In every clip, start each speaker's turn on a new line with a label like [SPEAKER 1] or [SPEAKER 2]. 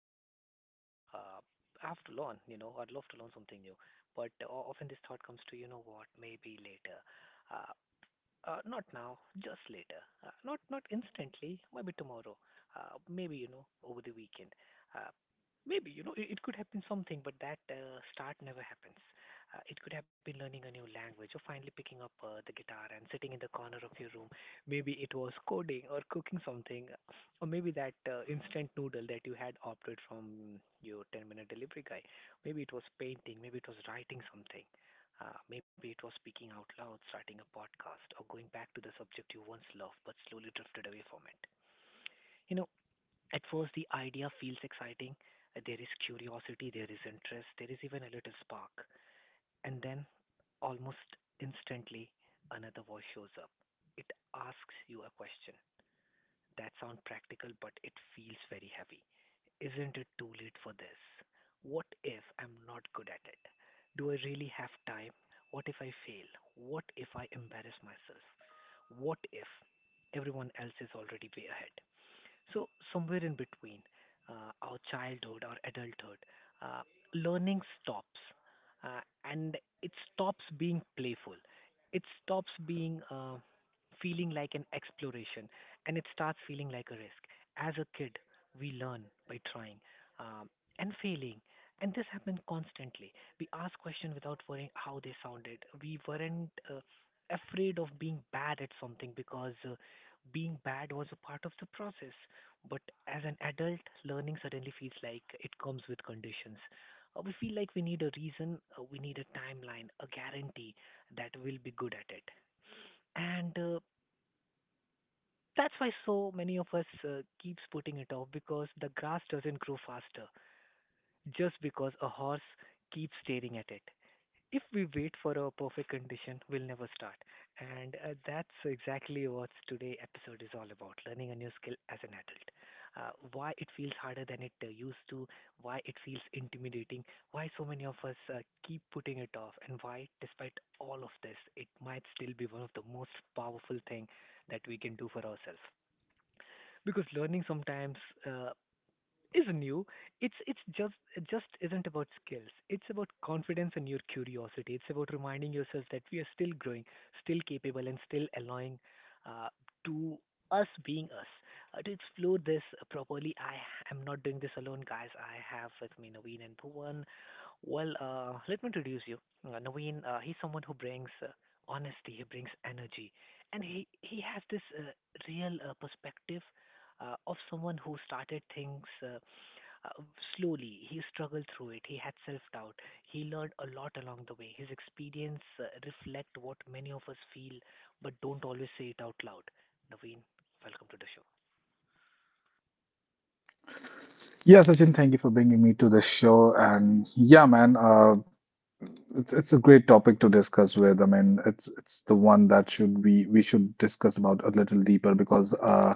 [SPEAKER 1] start something new. Uh, I have to learn, I'd love to learn something new, but often this thought comes to, you know what, maybe later. Uh, Not now, just later. Not instantly. Maybe tomorrow. Maybe over the weekend. Uh, Maybe it could happen something, but that start never happens. It could have been learning a new language or finally picking up the guitar and sitting in the corner of your room. Maybe it was coding or cooking something, or maybe that instant noodle that you had opted from your 10-minute delivery guy. Maybe it was painting. Maybe it was writing something. Maybe it was speaking out loud, starting a podcast, or going back to the subject you once loved but slowly drifted away from it. You know, at first the idea feels exciting. There is curiosity, there is interest, there is even a little spark. And then, almost instantly, another voice shows up. It asks you a question that sounds practical, but it feels very heavy. Isn't it too late for this? What if I'm not good at it? Do I really have time? What if I fail? What if I embarrass myself? What if everyone else is already way ahead? So somewhere in between, our childhood, our adulthood, uh, learning stops, and it stops being playful. It stops being feeling like an exploration, and it starts feeling like a risk. As a kid, we learn by trying um, and failing, and this happened constantly. We ask questions without worrying how they sounded. We weren't afraid of being bad at something because being bad was a part of the process. But as an adult, learning suddenly feels like it comes with conditions. We feel like we need a reason, we need a timeline, a guarantee that we'll be good at it. And that's why so many of us keeps putting it off because the grass doesn't grow faster just because a horse keeps staring at it. If we wait for a perfect condition, we'll never start. And that's exactly what today episode is all about: learning a new skill as an adult. Why it feels harder than it used to, why it feels intimidating, why so many of us keep putting it off, and why, despite all of this, it might still be one of the most powerful thing that we can do for ourselves. Because learning sometimes uh, is new. It just isn't about skills. It's about confidence and your curiosity. It's about reminding yourself that we are still growing, still capable, and still allowing uh, to us being us. To explore this properly, I am not doing this alone, guys. I have with me Naveen and Bhuvan. Well, let me introduce you. Naveen, he's someone who brings honesty, he brings energy, and he has this real perspective of someone who started things uh, slowly. He struggled through it. He had self-doubt. He learned a lot along the way. His experience reflect what many of us feel, but don't always say it out loud. Naveen, welcome to the show.
[SPEAKER 2] Yeah, Sachin, thank you for bringing me to the show. And yeah, man, it's a great topic to discuss with. I mean, it's the one that should we should discuss about a little deeper because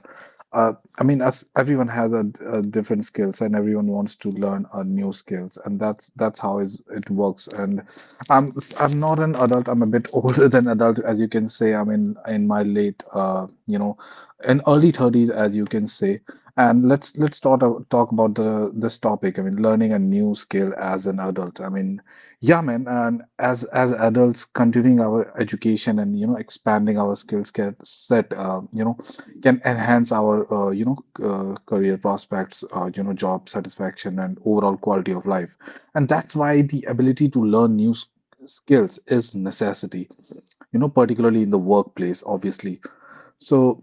[SPEAKER 2] uh I mean, us everyone has a different skills and everyone wants to learn a new skills and that's how is it works. And I'm not an adult. I'm a bit older than adult, as you can say. I'm in my late, in early 30s, as you can say. And let's talk about the this topic. I mean, learning a new skill as an adult. I mean. Yeah, man. And as adults, continuing our education and you know expanding our skills get set, can enhance our career prospects, job satisfaction and overall quality of life. And that's why the ability to learn new skills is necessity, you know, particularly in the workplace, obviously. So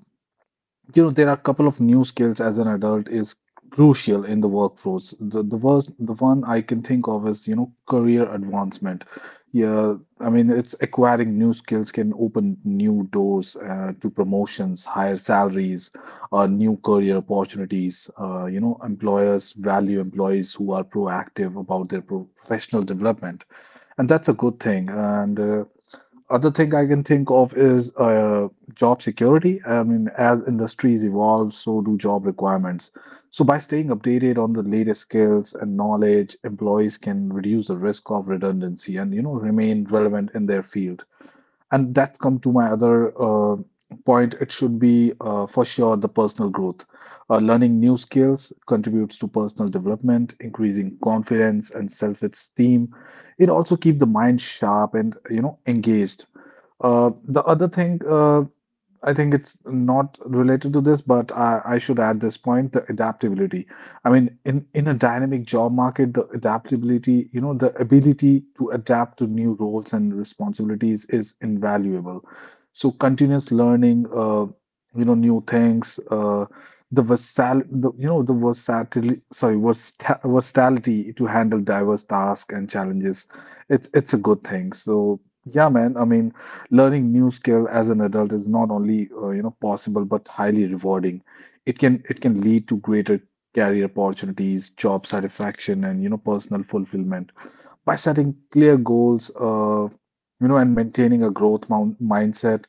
[SPEAKER 2] you know, there are a couple of new skills as an adult is crucial in the workforce. The one I can think of is, you know, career advancement. Yeah, I mean, it's acquiring new skills can open new doors to promotions, higher salaries, new career opportunities. Employers value employees who are proactive about their professional development, and that's a good thing. And other thing I can think of is job security. I mean, as industries evolve, so do job requirements. So, by staying updated on the latest skills and knowledge, employees can reduce the risk of redundancy and you know remain relevant in their field. And that's come to my other point. It should be for sure the personal growth. Learning new skills contributes to personal development, increasing confidence and self-esteem. It also keep the mind sharp and you know engaged the other thing, I think it's not related to this, but I should add this point, the adaptability. I mean, in a dynamic job market, the adaptability, you know, the ability to adapt to new roles and responsibilities is invaluable. So continuous learning, new things, the, you know, the versatility, sorry, versa versatility to handle diverse tasks and challenges. It's a good thing. So yeah, man. I mean learning new skill as an adult is not only you know possible but highly rewarding. It can lead to greater career opportunities, job satisfaction, and you know personal fulfillment by setting clear goals, you know, and maintaining a growth mindset.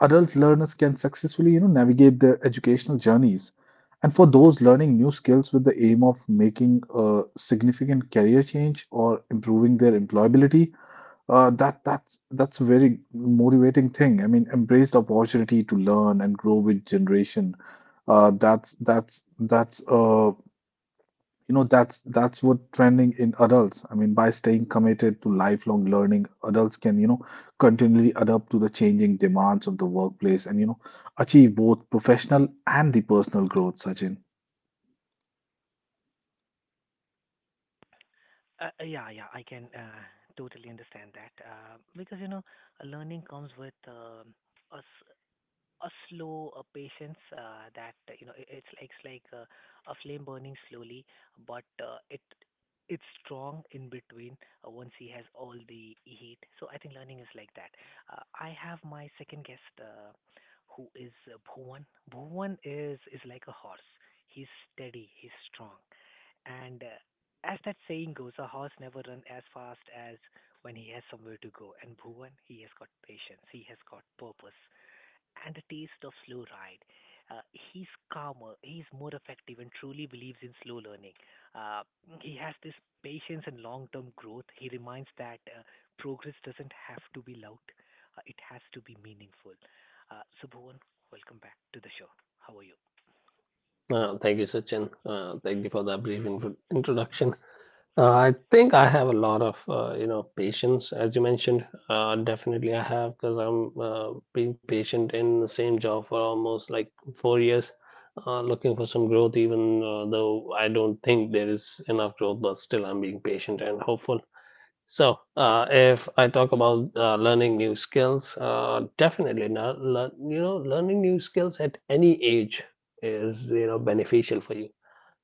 [SPEAKER 2] Adult learners can successfully you know navigate their educational journeys, and for those learning new skills with the aim of making a significant career change or improving their employability, that's a very motivating thing. I mean, embrace the opportunity to learn and grow with generation. That's you know that's what trending in adults. I mean, by staying committed to lifelong learning, adults can you know continually adapt to the changing demands of the workplace and you know achieve both professional and the personal growth, Sachin.
[SPEAKER 1] Yeah, yeah, I can totally understand that because learning comes with us a slow patience that it's like a flame burning slowly, but it's strong in between once he has all the heat. So I think learning is like that. I have my second guest, who is Bhuvan. Bhuvan is like a horse. He's steady, he's strong, and as that saying goes, a horse never run as fast as when he has somewhere to go. And Bhuvan, he has got patience, he has got purpose, and a taste of slow ride. Uh, he's calmer, he's more effective, and truly believes in slow learning. Uh, he has this patience and long term growth. He reminds that progress doesn't have to be loud, it has to be meaningful. So, Bhuvan, welcome back to the show. How are you?
[SPEAKER 3] Thank you, Sachin. Thank you for that brief introduction. I think I have a lot of patience, as you mentioned. Definitely, I have because I'm being patient in the same job for almost like 4 years, looking for some growth. Even though I don't think there is enough growth, but still I'm being patient and hopeful. So, if I talk about learning new skills, definitely not. Learning new skills at any age is beneficial for you.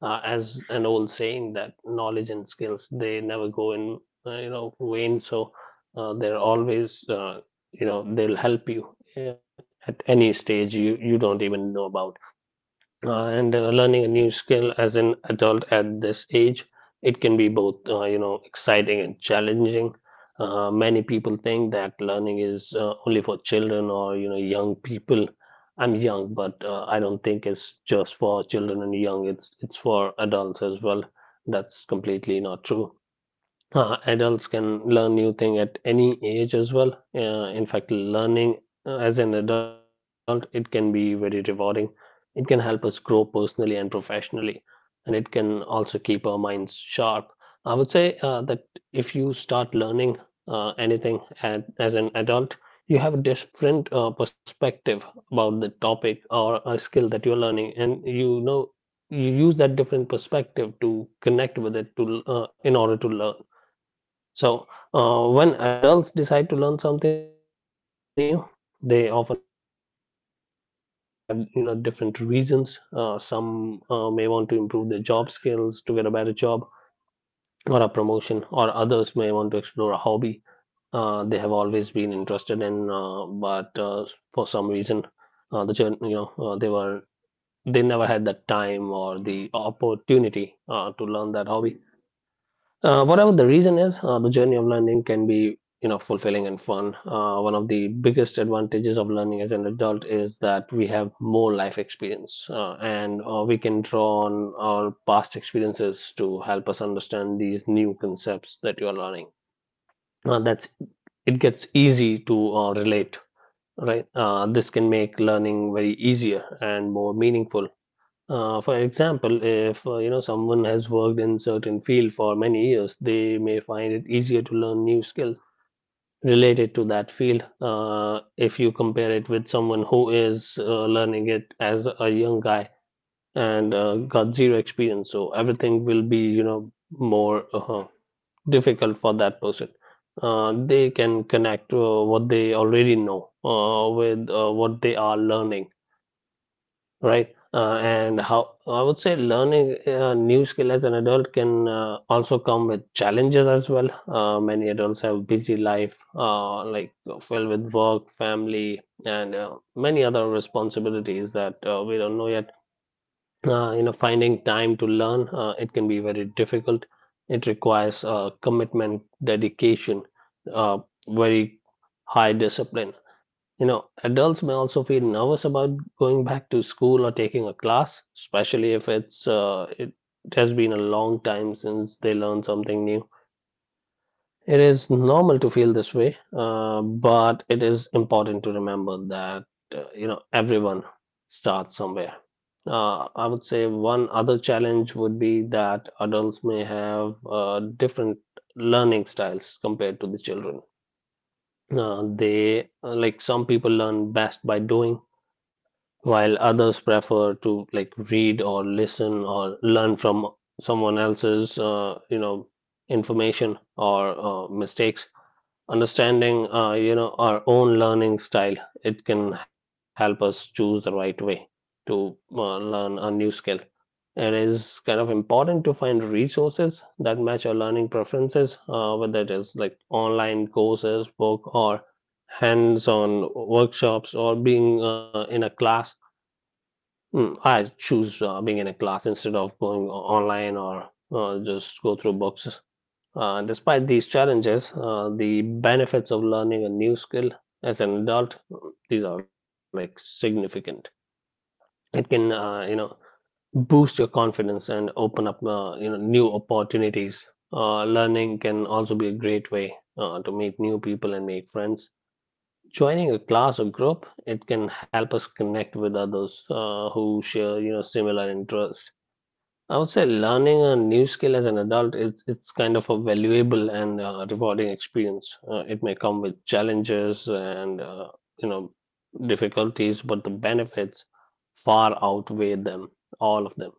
[SPEAKER 3] As an old saying that knowledge and skills they never go in vain. So they're always they'll help you at any stage you don't even know about. And learning a new skill as an adult at this age, it can be both exciting and challenging. Many people think that learning is only for children or young people. I'm young, but I don't think it's just for children and young, it's for adults as well. That's completely not true. Adults can learn new thing at any age as well. In fact, learning as an adult, it can be very rewarding. It can help us grow personally and professionally, and it can also keep our minds sharp. I would say that if you start learning anything as an adult, you have a different perspective about the topic or a skill that you're learning, and you use that different perspective to connect with it to in order to learn. So, when adults decide to learn something new, they often have different reasons. Some may want to improve their job skills to get a better job or a promotion, or others may want to explore a hobby they have always been interested in, but for some reason, the journey you know they were they never had that time or the opportunity to learn that hobby. Whatever the reason is, the journey of learning can be, fulfilling and fun. One of the biggest advantages of learning as an adult is that we have more life experience, and we can draw on our past experiences to help us understand these new concepts that you are learning. That's It gets easy to relate, right? This can make learning very easier and more meaningful. For example, if someone has worked in certain field for many years, they may find it easier to learn new skills related to that field. If you compare it with someone who is learning it as a young guy and got zero experience, so everything will be more difficult for that person. They can connect what they already know with what they are learning, right? And how I would say learning a new skill as an adult can also come with challenges as well. Many adults have busy life, like filled with work, family, and many other responsibilities that we don't know yet. Finding time to learn it can be very difficult. It requires commitment, dedication, uh, very high discipline. Adults may also feel nervous about going back to school or taking a class, especially if it has been a long time since they learned something new. It is normal to feel this way, but it is important to remember that everyone starts somewhere. I would say one other challenge would be that adults may have different learning styles compared to the children. They Like some people learn best by doing, while others prefer to like read or listen or learn from someone else's information or mistakes. Understanding our own learning style, it can help us choose the right way to learn a new skill. It is kind of important to find resources that match our learning preferences, whether it is like online courses, book or hands-on workshops or being in a class. I choose being in a class instead of going online or just go through books. Despite these challenges, the benefits of learning a new skill as an adult, these are like significant. It can, boost your confidence and open up, new opportunities. Learning can also be a great way to meet new people and make friends. Joining a class or group, it can help us connect with others who share, similar interests. I would say learning a new skill as an adult, it's kind of a valuable and rewarding experience. It may come with challenges and you know difficulties, but the benefits far outweigh them, all of them.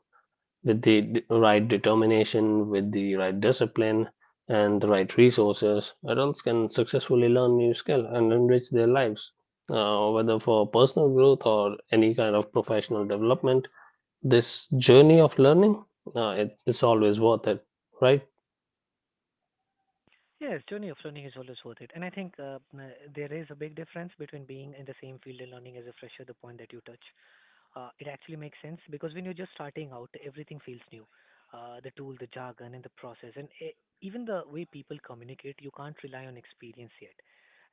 [SPEAKER 3] With the right determination, with the right discipline, and the right resources, adults can successfully learn new skill and enrich their lives, whether for personal growth or any kind of professional development. This journey of learning, it's always worth it, right?
[SPEAKER 1] Yes, journey of learning is always worth it. And I think there is a big difference between being in the same field and learning as a fresher, the point that you touch. It actually makes sense because when you're just starting out, everything feels new. The tool, the jargon, and the process, and e even the way people communicate, you can't rely on experience yet.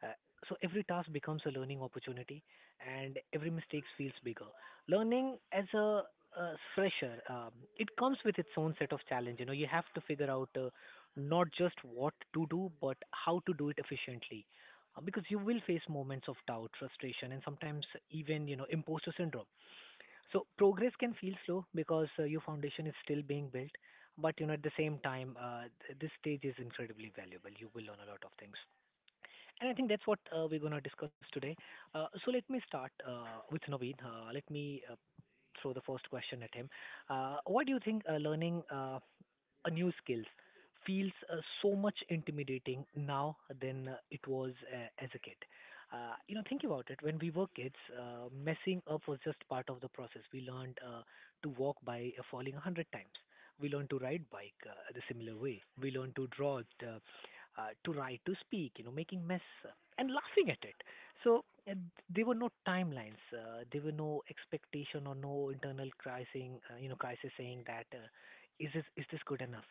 [SPEAKER 1] Uh, so every task becomes a learning opportunity, and every mistake feels bigger. Learning as a fresher, it comes with its own set of challenge. You know, you have to figure out not just what to do, but how to do it efficiently because you will face moments of doubt, frustration, and sometimes even imposter syndrome. So progress can feel slow because your foundation is still being built, but at the same time, this stage is incredibly valuable. You will learn a lot of things, and I think that's what we're gonna discuss today. So let me start with Naveen. Let me throw the first question at him. What do you think learning a new skills feels so much intimidating now than it was as a kid? Think about it. When we were kids, messing up was just part of the process. We learned to walk by falling 100 times. We learned to ride bike the similar way. We learned to draw, to write, to speak. Making mess and laughing at it. So uh, there were no timelines. There were no expectation or no internal crisis. Crisis saying that. Is this good enough?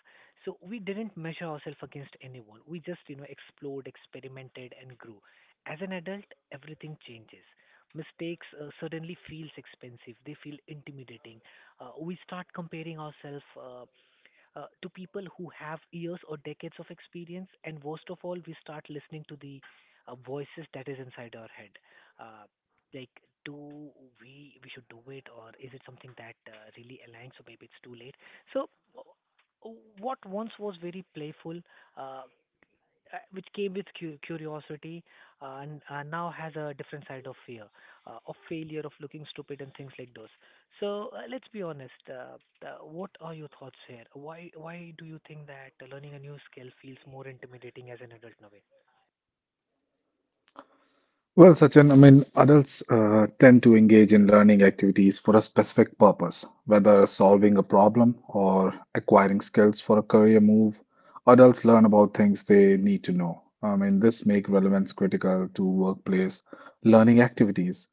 [SPEAKER 1] So we didn't measure ourselves against anyone. We just explored, experimented, and grew. As an adult, everything changes. Mistakes suddenly feels expensive. They feel intimidating. We start comparing ourselves to people who have years or decades of experience. And worst of all, we start listening to the voices that is inside our head. Uh, like, do we should do it, or is it something that really aligns, or maybe it's too late? So, uh, what once was very playful uh, which came with curiosity and now has a different side of fear, of failure, of looking stupid and things like those. So let's be honest. What are your thoughts here? Why do you think that learning a new skill feels more intimidating as an adult, Naveen?
[SPEAKER 2] Well, Sachin, I mean, adults tend to engage in learning activities for a specific purpose, whether solving a problem or acquiring skills for a career move. Adults learn about things they need to know. I mean, this make relevance critical to workplace learning activities.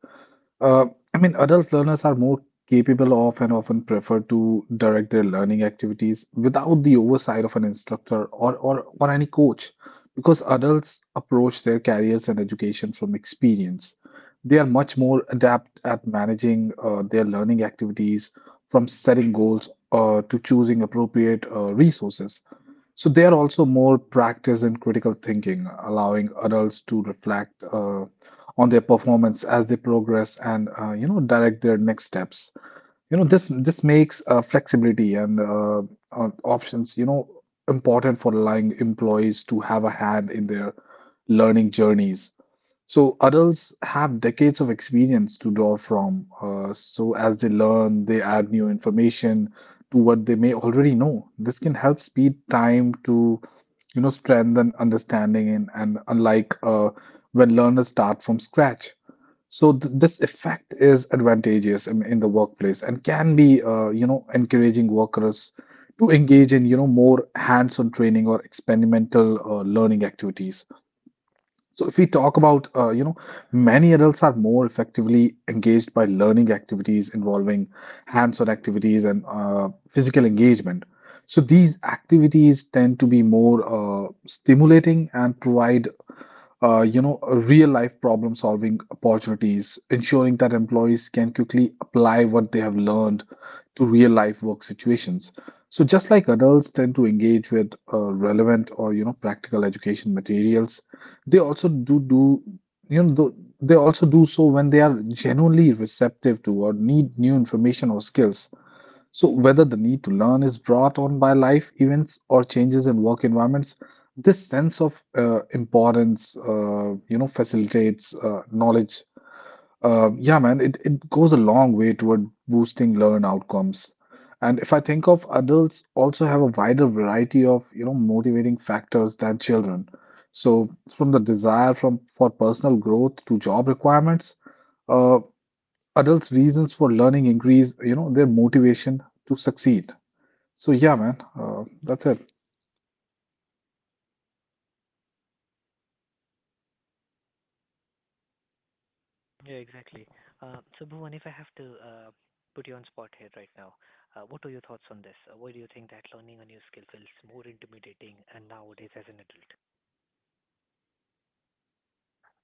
[SPEAKER 2] Uh, I mean, adult learners are more capable of and often prefer to direct their learning activities without the oversight of an instructor or any coach, because adults approach their careers and education from experience. They are much more adept at managing their learning activities, from setting goals to choosing appropriate resources. So they are also more practiced in critical thinking, allowing adults to reflect on their performance as they progress and you know direct their next steps. You know this makes flexibility and options you know important for allowing employees to have a hand in their learning journeys. So adults have decades of experience to draw from. So as they learn, they add new information to what they may already know. This can help speed time to, you know, strengthen understanding, and unlike when learners start from scratch. So th this effect is advantageous in the workplace and can be, you know, encouraging workers to engage in, you know, more hands-on training or experimental learning activities. So if we talk about, you know, many adults are more effectively engaged by learning activities involving hands-on activities and physical engagement. So these activities tend to be more stimulating and provide, you know, real-life problem-solving opportunities, ensuring that employees can quickly apply what they have learned to real-life work situations. So just like adults tend to engage with relevant or, you know, practical education materials, they also do you know they also do so when they are genuinely receptive to or need new information or skills. So whether the need to learn is brought on by life events or changes in work environments, this sense of importance you know facilitates knowledge. Yeah, man, it goes a long way toward boosting learn outcomes. And if I think of adults also have a wider variety of, you know, motivating factors than children. So from the desire from for personal growth to job requirements, uh, adults' reasons for learning increase, you know, their motivation to succeed. So yeah, man, that's it.
[SPEAKER 1] Yeah, exactly. So Bhuvan, if I have to put you on spot here right now, what are your thoughts on this? Why do you think that learning a new skill feels more intimidating and nowadays as an adult?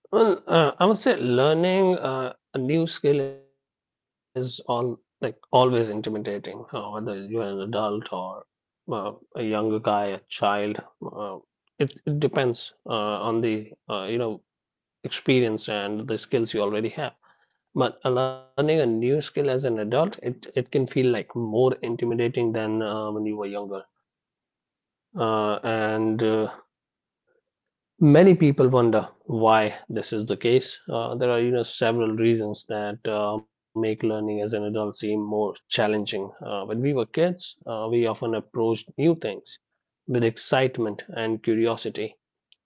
[SPEAKER 3] Well, I would say learning a new skill is all like always intimidating, whether you're an adult or uh, a younger guy, a child. It depends on the experience and the skills you already have. But learning a new skill as an adult, it can feel like more intimidating than when you were younger. And Many people wonder why this is the case. There are, several reasons that make learning as an adult seem more challenging. When we were kids, we often approached new things with excitement and curiosity.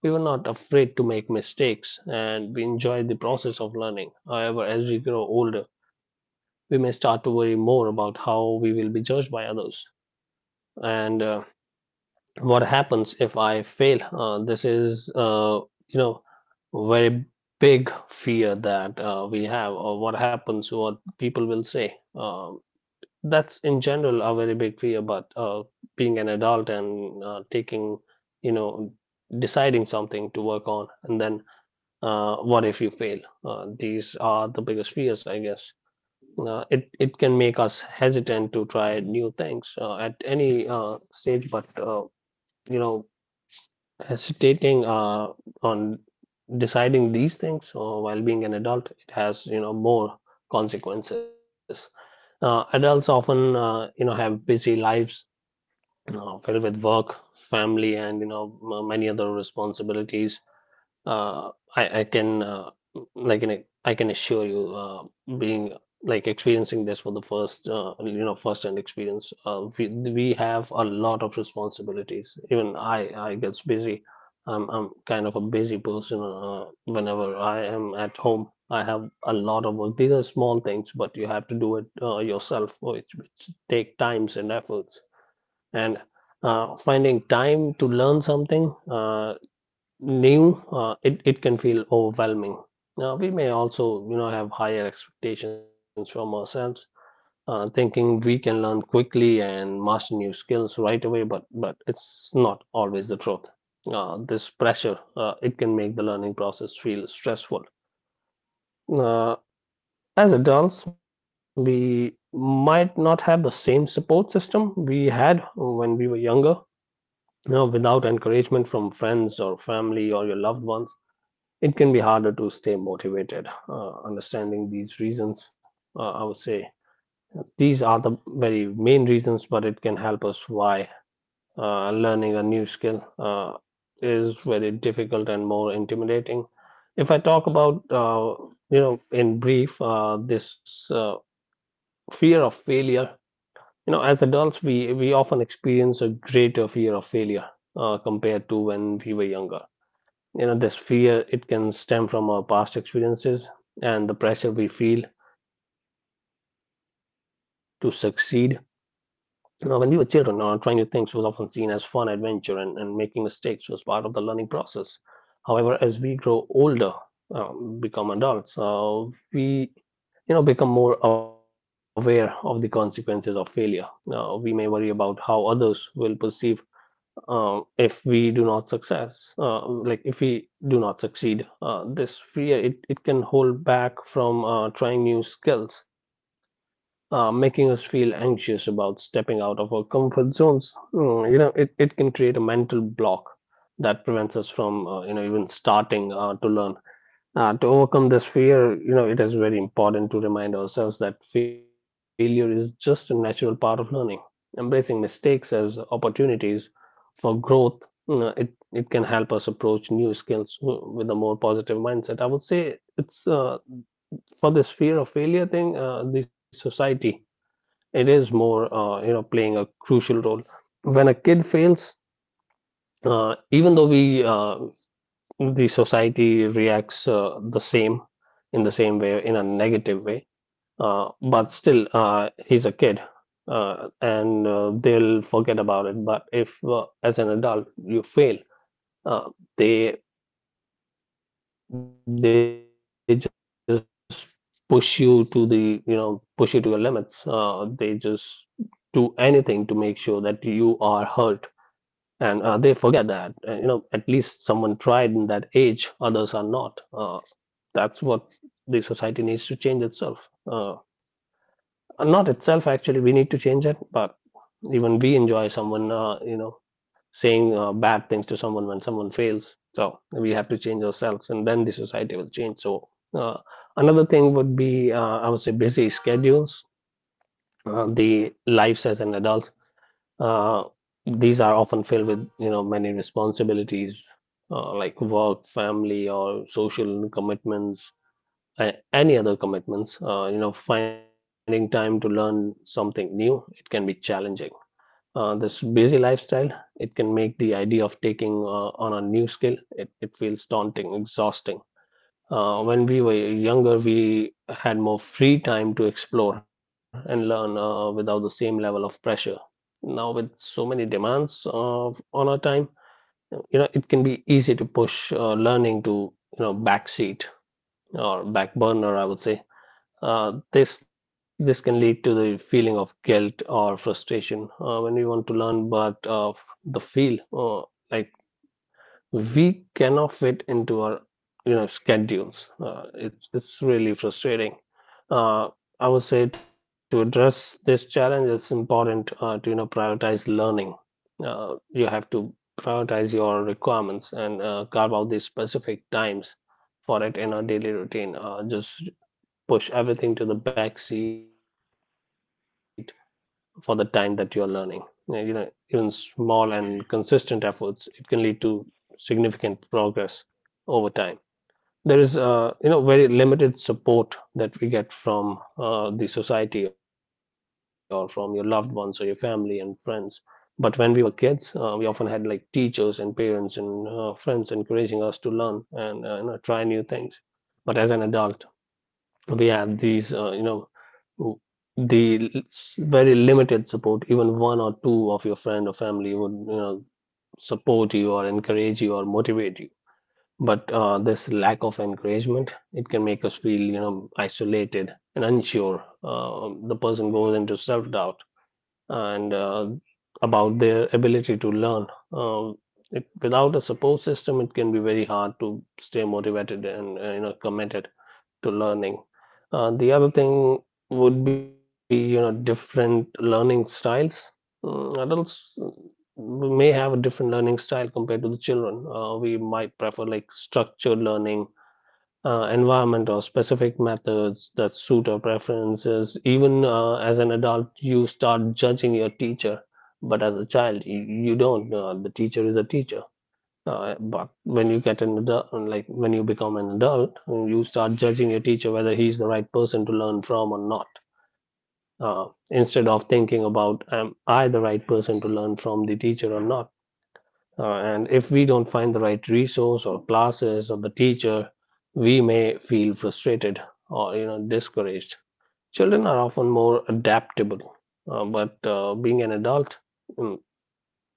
[SPEAKER 3] We were not afraid to make mistakes and we enjoyed the process of learning. However, as we grow older, we may start to worry more about how we will be judged by others, and what happens if I fail? This is, you know, very big fear that we have, or what happens, what people will say. That's in general a very big fear, but being an adult and taking, you know, deciding something to work on, and then what if you fail? These are the biggest fears, I guess. It can make us hesitant to try new things at any stage, but you know hesitating on deciding these things while being an adult, it has more consequences. Adults often have busy lives, you filled with work, family, and many other responsibilities. uh, I, I can uh, I can assure you, being experiencing this for the first you know first hand experience. We have a lot of responsibilities. Even I gets busy. I'm kind of a busy person. Whenever I am at home, I have a lot of work. These are small things, but you have to do it yourself, which take times and efforts, and finding time to learn something new, it can feel overwhelming. Now, we may also, have higher expectations from ourselves, thinking we can learn quickly and master new skills right away, but it's not always the truth. This pressure, it can make the learning process feel stressful. Uh, as adults, we might not have the same support system we had when we were younger. Without encouragement from friends or family or your loved ones, it can be harder to stay motivated. Understanding these reasons, I would say these are the very main reasons, but it can help us why learning a new skill is very difficult and more intimidating. If I talk about, in brief, this fear of failure. You know, as adults, we often experience a greater fear of failure compared to when we were younger. You know, this fear it can stem from our past experiences and the pressure we feel to succeed. When we were children, trying new things was often seen as fun adventure, and making mistakes was part of the learning process. However, as we grow older, become adults, we become more aware of the consequences of failure. We may worry about how others will perceive if we do not success, like if we do not succeed. This fear, it can hold back from trying new skills, making us feel anxious about stepping out of our comfort zones. Mm, you know, it can create a mental block that prevents us from even starting to learn. To overcome this fear, you know, it is very important to remind ourselves that failure is just a natural part of learning. Embracing mistakes as opportunities for growth, you know, it can help us approach new skills with a more positive mindset. I would say it's for this fear of failure thing, the society, it is more playing a crucial role. When a kid fails, even though we the society reacts the same, in the same way, in a negative way, but still, he's a kid, and they'll forget about it. But if, as an adult, you fail, uh, they they just push you to the, you know, push you to your limits. They just do anything to make sure that you are hurt, and they forget that, you know, at least someone tried in that age, others are not. That's what the society needs to change itself. Not itself, actually, we need to change it, but even we enjoy someone, you know, saying bad things to someone when someone fails. So we have to change ourselves, and then the society will change. Uh, Another thing would be, I would say, busy schedules. The lives as an adult, uh, these are often filled with, you know, many responsibilities, like work, family, or social commitments, any other commitments. You know, finding time to learn something new, it can be challenging. This busy lifestyle, it can make the idea of taking on a new skill, it feels daunting, exhausting. When we were younger, we had more free time to explore and learn without the same level of pressure. Now, with so many demands of, on our time, you know, it can be easy to push learning to, you know, backseat, or back burner, I would say. This can lead to the feeling of guilt or frustration when we want to learn, but the feel like we cannot fit into our, you know, schedules. It's really frustrating. Uh, I would say, to address this challenge, it's important to, you know, prioritize learning. You have to prioritize your requirements and carve out these specific times for it in our daily routine. Just push everything to the back seat for the time that you're learning. Even small and consistent efforts, it can lead to significant progress over time. There is, you know, very limited support that we get from the society, or from your loved ones, or your family and friends. But when we were kids, we often had like teachers and parents and friends encouraging us to learn and, you know, try new things. But as an adult, we have these, you know, Mm. Very limited support, even one or two of your friend or family would, you know, support you or encourage you or motivate you. But this lack of encouragement, it can make us feel, you know, isolated and unsure. The person goes into self-doubt and about their ability to learn. Uh, Without a support system, it can be very hard to stay motivated and, you know, committed to learning. The other thing would be, you know, different learning styles. Adults may have a different learning style compared to the children. We might prefer like structured learning environment or specific methods that suit our preferences. Even as an adult, you start judging your teacher, but as a child, you don't. The teacher is a teacher. But when you get an adult, like when you become an adult, you start judging your teacher whether he's the right person to learn from or not. Instead of thinking about, am I the right person to learn from the teacher or not? And if we don't find the right resource or classes or the teacher, we may feel frustrated or, you know, discouraged. Children are often more adaptable, but being an adult, mm,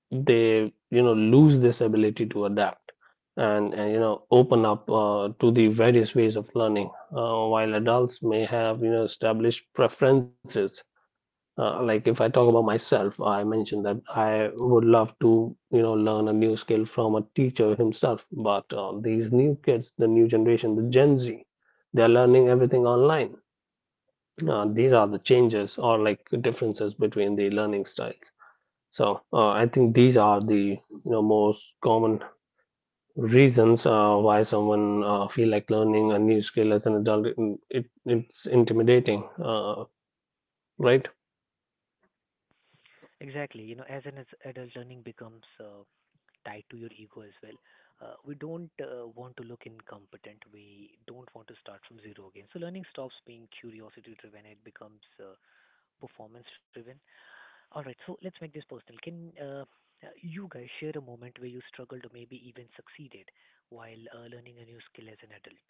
[SPEAKER 3] they, you know, lose this ability to adapt, and you know, open up to the various ways of learning. While adults may have, you know, established preferences, like if I talk about myself, I mentioned that I would love to, you know, learn a new skill from a teacher himself. But these new kids, the new generation, the Gen Z, they're learning everything online. These are the changes or like differences between the learning styles. I think these are the, you know, most common reasons why someone feel like learning a new skill as an adult. It's intimidating, right?
[SPEAKER 1] Exactly. As an as adult, learning becomes tied to your ego as well. We don't want to look incompetent. We don't want to start from zero again. So learning stops being curiosity driven. It becomes performance driven. All right, so let's make this personal. Can you guys share a moment where you struggled or maybe even succeeded while learning a new skill as an adult?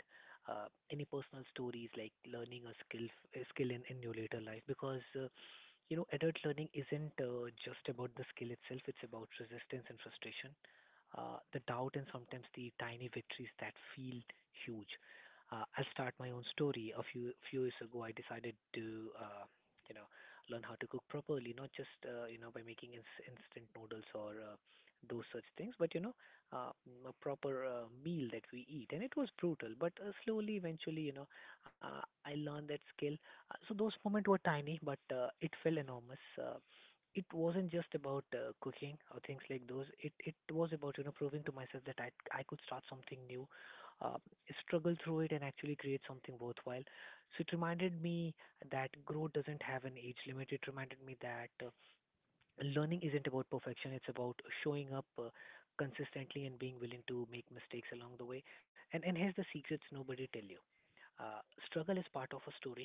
[SPEAKER 1] Uh, any personal stories like learning a skill, a skill in your later life? Because adult learning isn't just about the skill itself; it's about resistance and frustration, the doubt, and sometimes the tiny victories that feel huge. I'll start my own story. A few years ago, I decided to, uh, you know, learn how to cook properly, not just by making instant noodles or those such things, but uh, a proper meal that we eat. And it was brutal, but slowly, eventually, I learned that skill. So those moments were tiny, but it felt enormous. It wasn't just about cooking or things like those. It was about proving to myself that I could start something new, uh, struggle through it, and actually create something worthwhile. So it reminded me that growth doesn't have an age limit. It reminded me that learning isn't about perfection, it's about showing up consistently and being willing to make mistakes along the way. And here's the secrets nobody tell you. Uh, Struggle is part of a story,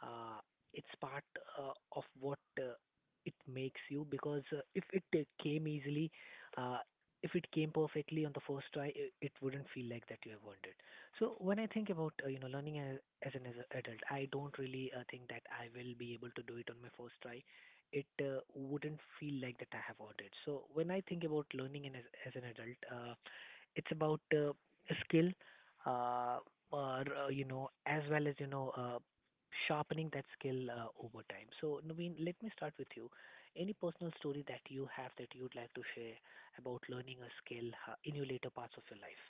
[SPEAKER 1] uh, it's part of what it makes you, because if it came easily, uh, if it came perfectly on the first try, it wouldn't feel like that you have earned it. So when I think about learning as a adult, I don't really think that I will be able to do it on my first try. It wouldn't feel like that I have earned it. So when I think about learning and as an adult, it's about skill, uh, or, you know, as well as, you know, sharpening that skill over time. So, Naveen, let me start with you. Any personal story that you have that you'd like to share about learning a skill in your later parts of your life?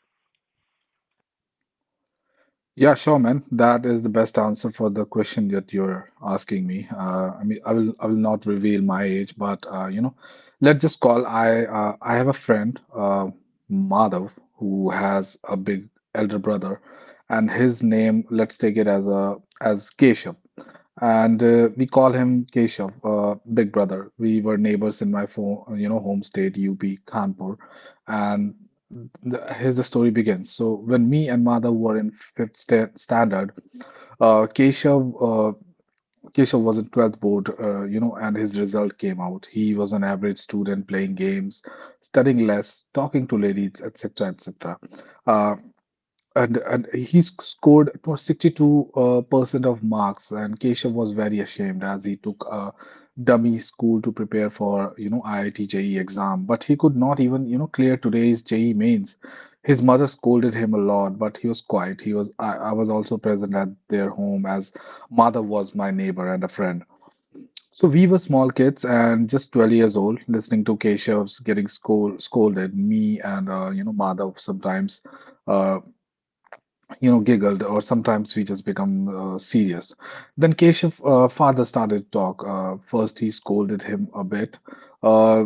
[SPEAKER 2] Yeah, sure, man. That is the best answer for the question that you're asking me. I mean, I will not reveal my age, but you know, let's just call I have a friend, Madhav, who has a big elder brother, and his name, let's take it as a as Keshav, and we call him Keshav, Big Brother. We were neighbors in my phone, you know, home state, UP, Kanpur, and the, here's the story begins. So when me and Madhav were in fifth standard, uh, Keshav, uh, Keshav was in 12th board, you know, and his result came out. He was an average student playing games, studying less, talking to ladies, etc., etc. And he scored it was 62 percent of marks, and Keshav was very ashamed as he took a dummy school to prepare for you know IIT JE exam, but he could not even you know clear today's JE mains. His mother scolded him a lot, but he was quiet. He was I was also present at their home as mother was my neighbor and a friend. So we were small kids and just 12 years old listening to Keshav's getting scolded me and you know mother sometimes uh, you know, giggled, or sometimes we just become serious. Then Keshav father started to talk. First, he scolded him a bit, uh,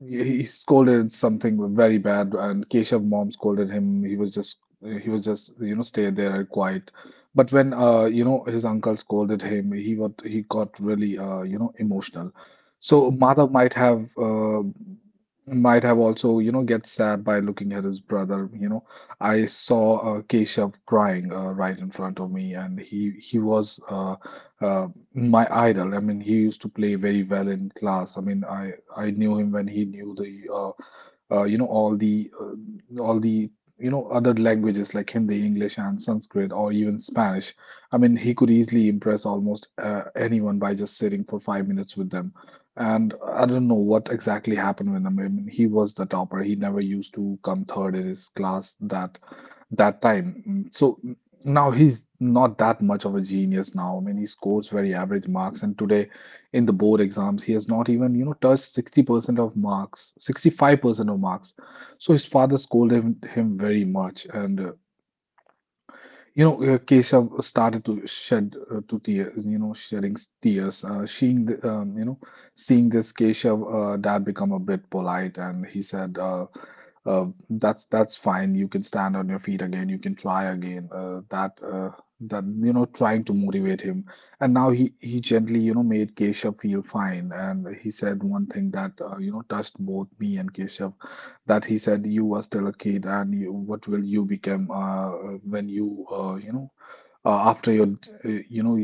[SPEAKER 2] he scolded something very bad, and Keshav mom scolded him. He was just you know stay there and quiet. But when you know his uncle scolded him, he got really you know emotional. So Madhav might have also you know get sad by looking at his brother. You know, I saw Keshav crying right in front of me, and he was uh my idol. I mean, he used to play very well in class. I mean, I knew him when he knew the all the you know other languages like Hindi, English, and Sanskrit, or even Spanish. I mean, he could easily impress almost anyone by just sitting for 5 minutes with them. And I don't know what exactly happened with him. I mean, he was the topper. He never used to come third in his class. That that time. So now he's not that much of a genius now. I mean, he scores very average marks, and today in the board exams, he has not even, you know, touched 60% of marks, 65% of marks. So his father scolded him very much, and you know, Keshav started to shed to tears, you know, shedding tears. Seeing, the, you know, Seeing this, Keshav dad become a bit polite, and he said, "That's fine. You can stand on your feet again. "You can try again." Trying to motivate him, and now he gently, made Keshav feel fine. And he said one thing that touched both me and Keshav, that he said, "You were still a kid, and what will you become, when you you know after your you know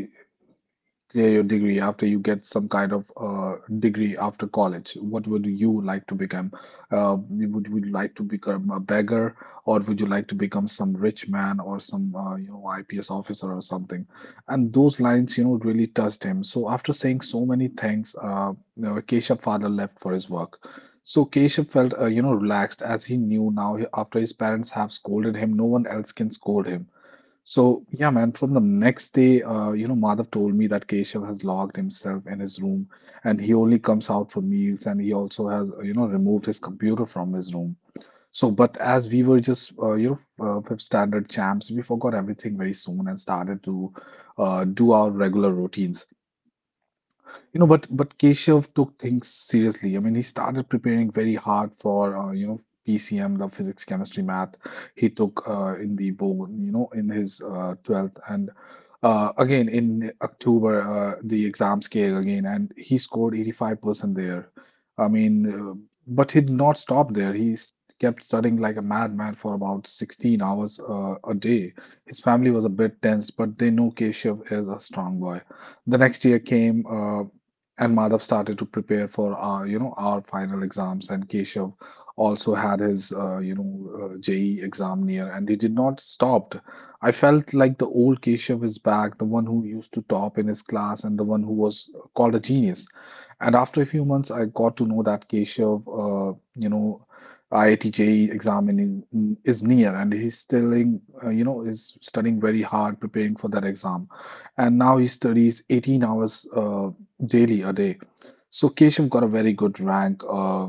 [SPEAKER 2] clear your degree? After you get some kind of degree after college, what would you like to become? Would you like to become a beggar, or would you like to become some rich man or some IPS officer or something?" And those lines, really touched him. So after saying so many things, Keshav father left for his work. So Keshav felt relaxed, as he knew now after his parents have scolded him, no one else can scold him. So, yeah, man, from the next day, Madhav told me that Keshav has locked himself in his room and he only comes out for meals, and he also has removed his computer from his room. So, but as we were just fifth standard champs, we forgot everything very soon and started to do our regular routines. But Keshav took things seriously. I mean, he started preparing very hard for PCM, the physics, chemistry, math. He took in the board, in his 12th, and again in October the exams came again, and he scored 85% there. I mean, but he did not stop there. Kept studying like a madman for about 16 hours a day. His family was a bit tense, but they know Keshav is a strong boy. The next year came. And Madhav started to prepare for our final exams, and Keshav also had his JE exam near, and he did not stopped. I felt like the old Keshav is back, the one who used to top in his class, and the one who was called a genius. And after a few months, I got to know that Keshav, IIT JE exam is near, and he's still is studying very hard, preparing for that exam, and now he studies 18 hours daily a day. So Keshav got a very good rank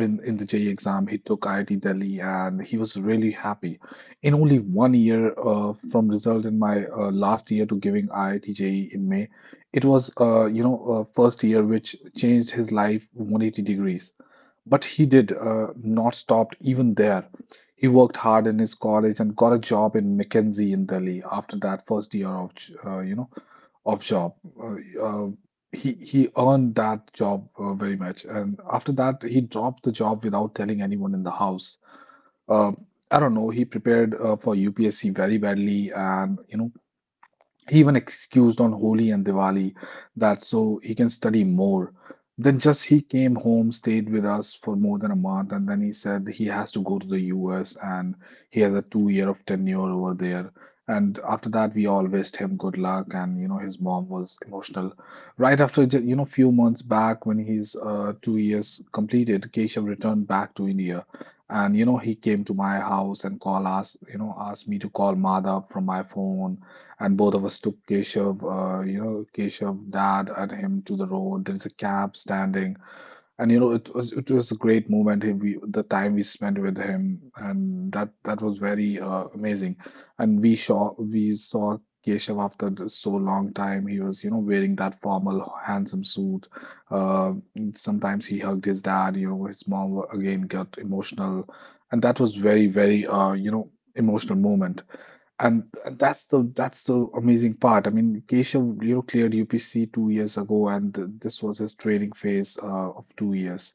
[SPEAKER 2] in the JEE exam. He took IIT Delhi and he was really happy. In only 1 year from result in my last year to giving IIT JE in May, it was first year which changed his life 180 degrees. But he did not stop even there. He worked hard in his college and got a job in McKinsey in Delhi after that first year of you know of job. Uh, he earned that job very much, and after that he dropped the job without telling anyone in the house. Uh, I don't know. He prepared for UPSC very badly, and he even excused on Holi and Diwali that so he can study more. Then just he came home, stayed with us for more than a month, and then he said he has to go to the US and he has a 2 year of tenure over there. And after that, we all wished him good luck, and his mom was emotional. Right after few months back, when his 2 years completed, Keshav returned back to India, and he came to my house and call us, asked me to call Madhav from my phone, and both of us took Keshav, Keshav, dad, and him to the road. There's a cab standing, and it was a great moment. The time we spent with him, and that was very amazing. And we saw Keshav after so long time. He was wearing that formal, handsome suit. Uh, Sometimes he hugged his dad. His mom again got emotional, and that was very, very, emotional moment. And that's the amazing part. I mean, Keshav cleared UPC 2 years ago, and th this was his training phase of 2 years.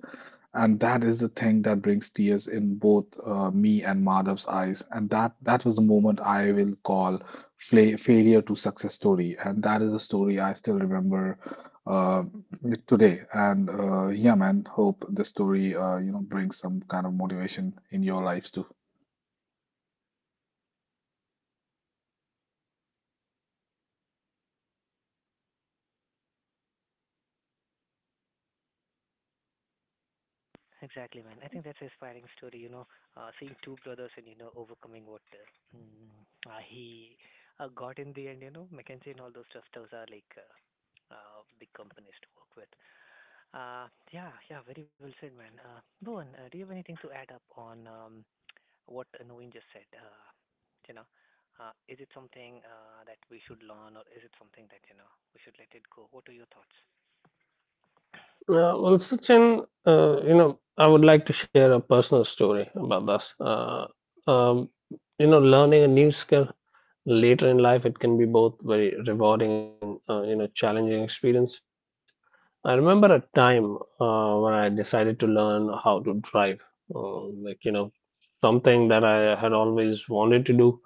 [SPEAKER 2] And that is the thing that brings tears in both me and Madhav's eyes. And that was the moment I will call fla failure to success story. And that is a story I still remember uh, today. And yeah, man, hope the story brings some kind of motivation in your lives too.
[SPEAKER 1] Exactly, man. I think that's an inspiring story, you know, seeing two brothers and, you know, overcoming what mm, he got in the end, you know, Mackenzie and all those stuff. Those are like big companies to work with. Yeah, yeah, very well said, man. Bhuvan, do you have anything to add up on what Naveen just said? You know, is it something that we should learn, or is it something that you know we should let it go? What are your thoughts?
[SPEAKER 3] Well, Sachin, you know, I would like to share a personal story about this. Um, you know, learning a new skill later in life, it can be both very rewarding and, you know, challenging experience. I remember a time when I decided to learn how to drive. Uh, like, you know, something that I had always wanted to do,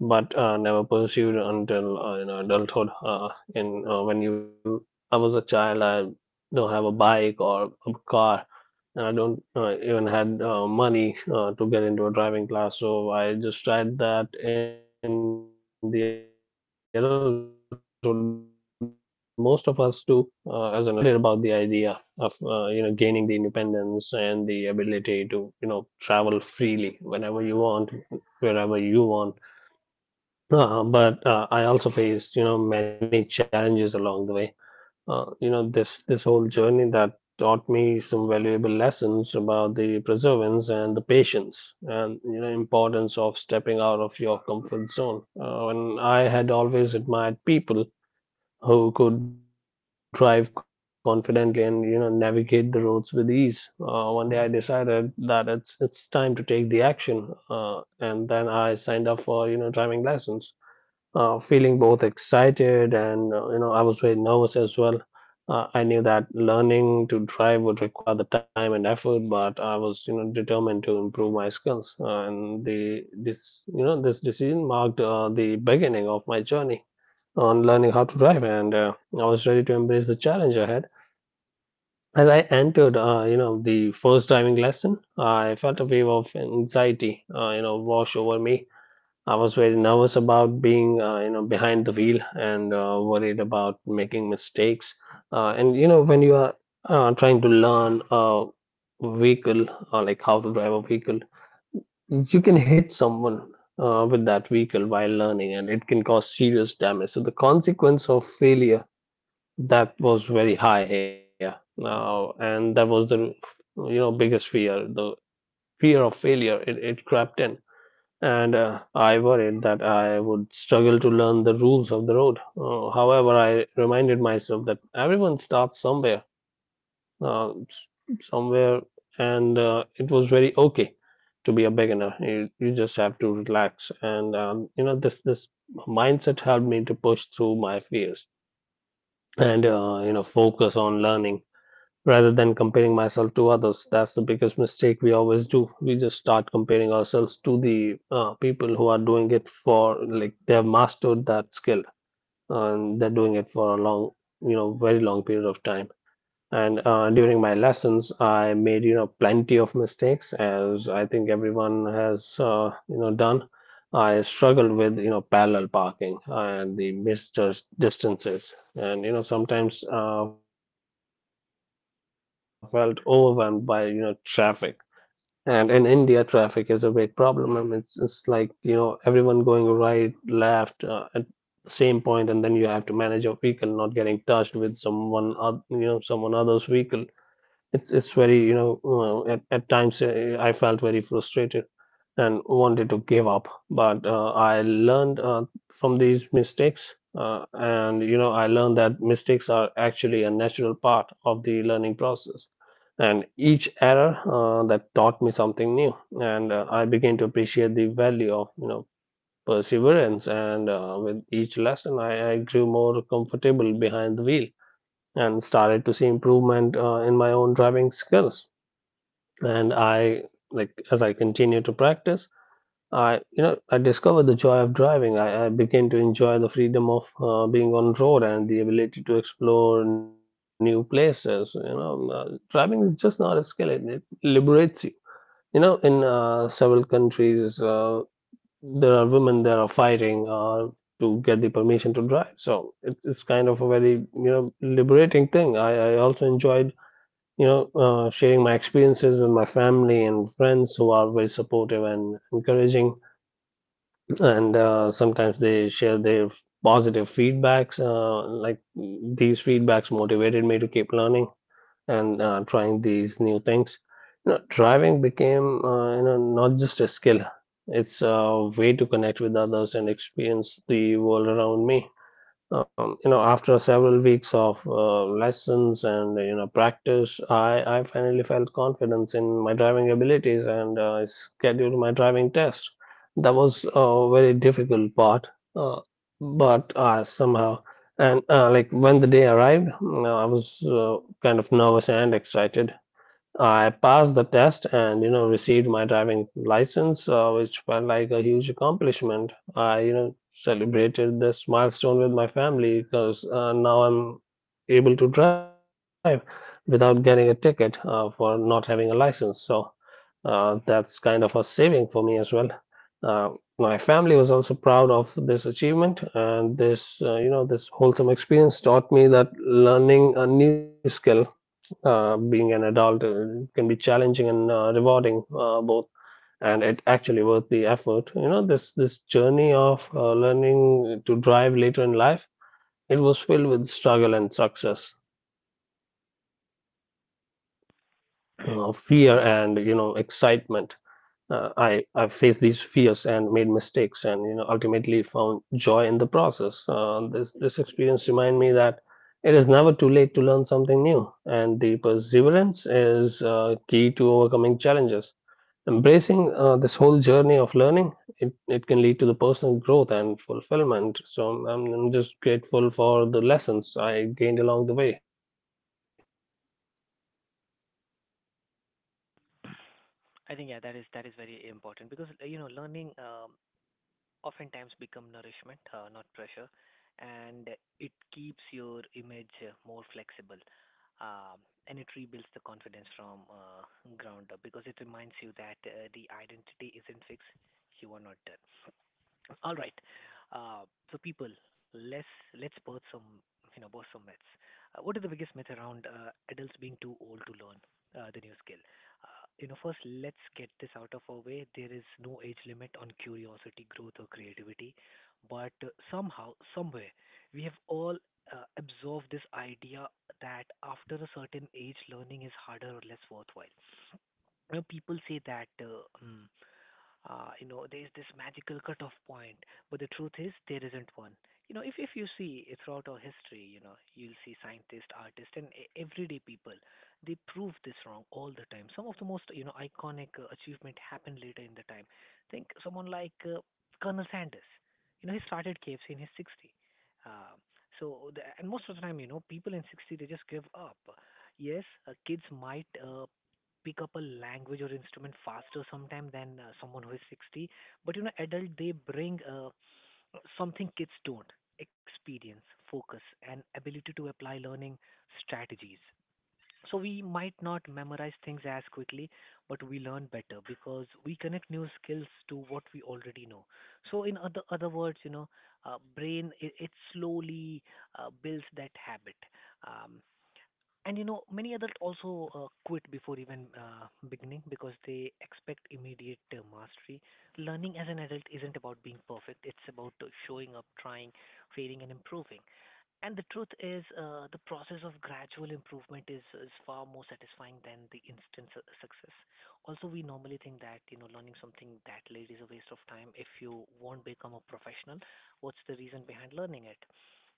[SPEAKER 3] but never pursued until, you know, adulthood. In uh, when you, I was a child, I don't have a bike or a car, and I don't even had money to get into a driving class. So I just tried that in the adulthood. Most of us do, as an adult, we learn driving. And you know, I felt very excited about the idea of, you know, gaining the independence and the ability to, you know, travel freely whenever you want, wherever you want. But I also faced, you know, many challenges along the way. You know, this whole journey that taught me some valuable lessons about the perseverance and the patience and, you know, importance of stepping out of your comfort zone. And I had always admired people who could drive confidently and, you know, navigate the roads with ease. One day I decided that it's time to take the action, and then I signed up for, you know, driving lessons. Feeling both excited and, you know, I was very nervous as well. I knew that learning to drive would require the time and effort, but I was, you know, determined to improve my skills. And the This, you know, this decision marked the beginning of my journey on learning how to drive, and I was ready to embrace the challenge ahead. As I entered, you know, the first driving lesson, I felt a wave of anxiety, you know, wash over me. I was very nervous about being, you know, behind the wheel and worried about making mistakes. And you know, when you are trying to learn a vehicle, like how to drive a vehicle, you can hit someone with that vehicle while learning, and it can cause serious damage. So the consequence of failure, that was very high here now, and that was the, you know, biggest fear, the fear of failure. It crept in, and I worried that I would struggle to learn the rules of the road. However, I reminded myself that everyone starts somewhere, uh, s- somewhere, and it was very okay to be a beginner. You just have to relax. And you know, this mindset helped me to push through my fears, and you know, focus on learning rather than comparing myself to others. That's the biggest mistake we always do: we just start comparing ourselves to the people who are doing it for, like, they have mastered that skill and they're doing it for a long, you know, very long period of time. And during my lessons, I made, you know, plenty of mistakes, as I think everyone has, you know, done. I struggled with, you know, parallel parking and the misjudged distances, and you know sometimes felt overwhelmed by, you know, traffic. And in India, traffic is a big problem. I mean, it's like, you know, everyone going right, left, at the same point, and then you have to manage your vehicle not getting touched with someone, you know, someone other's vehicle. It's very at times, I felt very frustrated and wanted to give up, but I learned, from these mistakes, and I learned that mistakes are actually a natural part of the learning process. And each error that taught me something new, and I began to appreciate the value of perseverance. And with each lesson, I grew more comfortable behind the wheel and started to see improvement in my own driving skills. And I like as I continue to practice, I you know I discovered the joy of driving. I began to enjoy the freedom of being on road and the ability to explore new places. Driving is just not a skill; it liberates you. You know, in several countries, there are women that are fighting to get the permission to drive. So it's kind of a very liberating thing. I also enjoyed sharing my experiences with my family and friends who are very supportive and encouraging. And sometimes they share their positive feedbacks. These feedbacks motivated me to keep learning and trying these new things. Driving became, not just a skill. It's a way to connect with others and experience the world around me. After several weeks of lessons and practice, I finally felt confidence in my driving abilities, and I scheduled my driving test. That was a very difficult part, uh, but somehow and like when the day arrived, I was kind of nervous and excited. I passed the test and received my driving license, which felt like a huge accomplishment. I celebrated this milestone with my family because now I'm able to drive without getting a ticket for not having a license. So that's kind of a saving for me as well. Uh, my family was also proud of this achievement, and this, this wholesome experience taught me that learning a new skill, being an adult, can be challenging and rewarding, both, and it actually worth the effort. You know, this journey of learning to drive later in life, it was filled with struggle and success, fear and excitement.
[SPEAKER 1] Yeah.
[SPEAKER 3] I faced these fears and made mistakes, and ultimately found joy in the process. This experience reminded me that it is never too late to learn something new, and the perseverance is key to overcoming challenges. Embracing this whole journey of learning, it can lead to the personal growth and fulfillment. So I'm just grateful for the lessons I gained along the way.
[SPEAKER 1] I think yeah, that is very important because you know learning, oftentimes become nourishment, not pressure, and it keeps your image more flexible. Um, and it rebuilds the confidence from ground up, because it reminds you that the identity isn't fixed, you are not done. All right. Uh, so people, let's let's birth some, you know, birth some myths. What is the biggest myth around adults being too old to learn the new skill? You know, first let's get this out of our way. There is no age limit on curiosity, growth, or creativity, but somehow, somewhere, we have all absorbed this idea that after a certain age, learning is harder or less worthwhile. You know, people say that um, you know, there is this magical cutoff point, but the truth is there isn't one. You know, if you see it throughout our history, you know, you'll see scientists, artists, and e- everyday people, they prove this wrong all the time. Some of the most, you know, iconic achievement happened later in the time. Think someone like Colonel Sanders. You know, he started KFC in his 60s. Um, so the, and most of the time, you know, people in their 60s they just give up. Yes, kids might pick up a language or instrument faster sometime than someone who is 60, but you know adult they bring something kids don't: experience, focus, and ability to apply learning strategies. So we might not memorize things as quickly, but we learn better because we connect new skills to what we already know. So in other words, you know, brain, it slowly builds that habit. um, and you know, many adults also quit before even beginning because they expect immediate mastery. Learning as an adult isn't about being perfect, it's about showing up, trying, failing, and improving. And the truth is, the process of gradual improvement is far more satisfying than the instant su- success. Also, we normally think that you know learning something that late is a waste of time. If you won't become a professional, what's the reason behind learning it?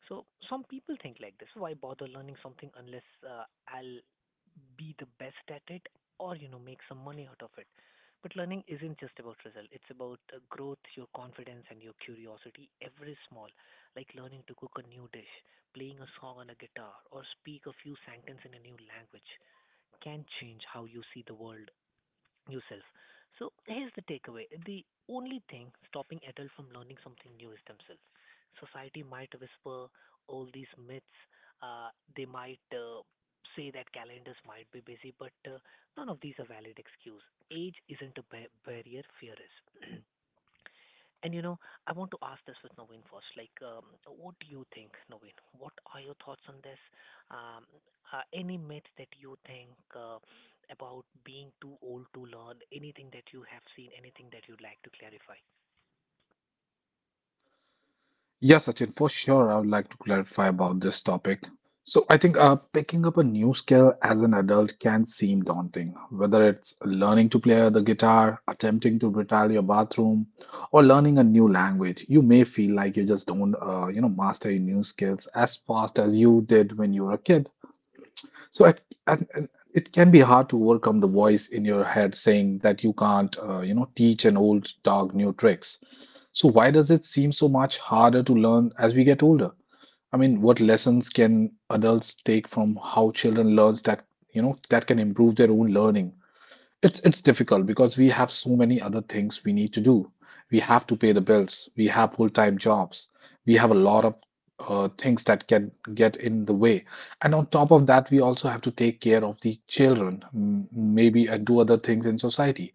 [SPEAKER 1] So some people think like this: Why bother learning something unless I'll be the best at it or you know make some money out of it? But learning isn't just about result. It's about growth, your confidence, and your curiosity. Every small, like learning to cook a new dish, playing a song on a guitar, or speak a few sentences in a new language, can change how you see the world, yourself. So here's the takeaway. The only thing stopping adults from learning something new is themselves. Society might whisper all these myths. Uh, they might say that calendars might be busy, but none of these are valid excuse. Age isn't a ba- barrier, fear is. And you know, I want to ask this with Naveen first. Like, what do you think, Naveen? What are your thoughts on this? Um, any myth that you think uh, about being too old to learn? Anything that you have seen? Anything that you'd like to clarify?
[SPEAKER 2] Yeah, Sachin, for sure. I would like to clarify about this topic. So I think picking up a new skill as an adult can seem daunting, whether it's learning to play the guitar, attempting to retile your bathroom, or learning a new language. You may feel like you just don't master your new skills as fast as you did when you were a kid. So at, at- it can be hard to overcome the voice in your head saying that you can't teach an old dog new tricks. So why does it seem so much harder to learn as we get older? I mean, what lessons can adults take from how children learn that can improve their own learning? It's difficult because we have so many other things we need to do. We have to pay the bills. We have full-time jobs. We have a lot of things that can get in the way. And on top of that, we also have to take care of the children, maybe, and do other things in society.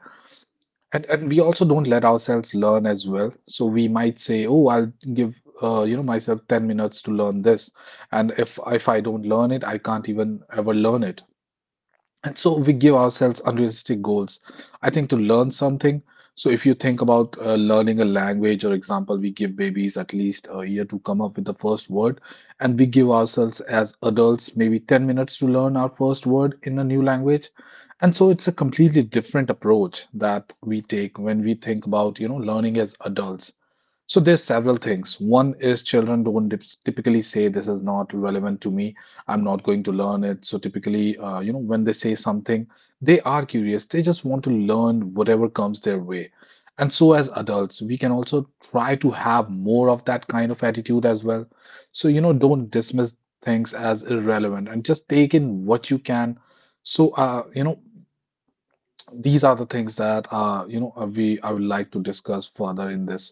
[SPEAKER 2] And we also don't let ourselves learn as well. So we might say, "Oh, I'll give myself 10 minutes to learn this." And if I don't learn it, I can't even ever learn it. And so we give ourselves unrealistic goals. I think to learn something, so if you think about learning a language, or example, we give babies at least a year to come up with the first word, and we give ourselves as adults maybe 10 minutes to learn our first word in a new language. And so it's a completely different approach that we take when we think about learning as adults. So there's several things. One is children don't typically say this is not relevant to me. I'm not going to learn it. So typically, when they say something, they are curious. They just want to learn whatever comes their way. And so as adults, we can also try to have more of that kind of attitude as well. So, don't dismiss things as irrelevant and just take in what you can. So, these are the things that you know we I would like to discuss further in this,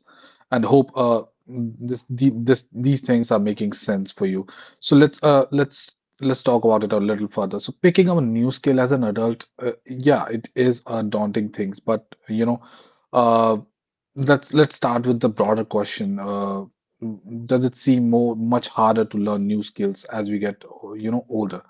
[SPEAKER 2] and hope this the, this these things are making sense for you. So let's talk about it a little further. So picking up a new skill as an adult, yeah, it is a daunting thing, but uh, let's start with the broader question. Does it seem more much harder to learn new skills as we get you know older?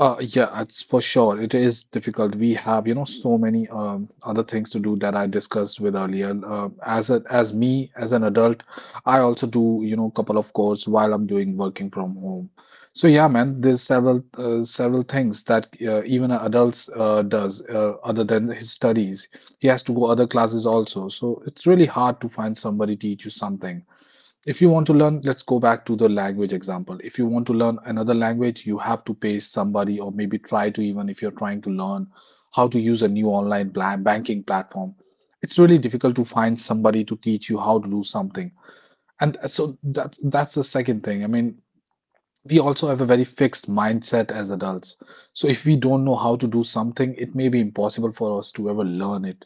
[SPEAKER 2] Yeah, it's for sure. It is difficult. We have so many other things to do that I discussed with earlier. As a, as an adult, I also do couple of courses while I'm doing working from home. So yeah, man, there's several things that even an adults does other than his studies. He has to go other classes also. So it's really hard to find somebody teach you something. If you want to learn, let's go back to the language example. If you want to learn another language, you have to pay somebody, or maybe try to even if you're trying to learn how to use a new online banking platform. It's really difficult to find somebody to teach you how to do something. And so that's the second thing. I mean, we also have a very fixed mindset as adults. So if we don't know how to do something, it may be impossible for us to ever learn it.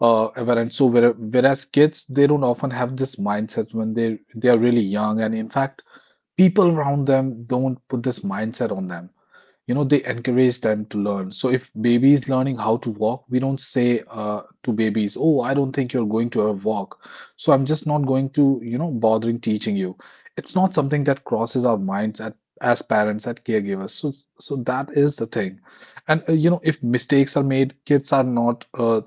[SPEAKER 2] Ever and so whereas kids, they don't often have this mindset when they are really young, and in fact, people around them don't put this mindset on them. They encourage them to learn. So if baby is learning how to walk, we don't say to babies, "Oh, I don't think you're going to a walk, so I'm just not going to bothering teaching you." It's not something that crosses our minds at, as parents at caregivers. So that is the thing. And if mistakes are made, kids are not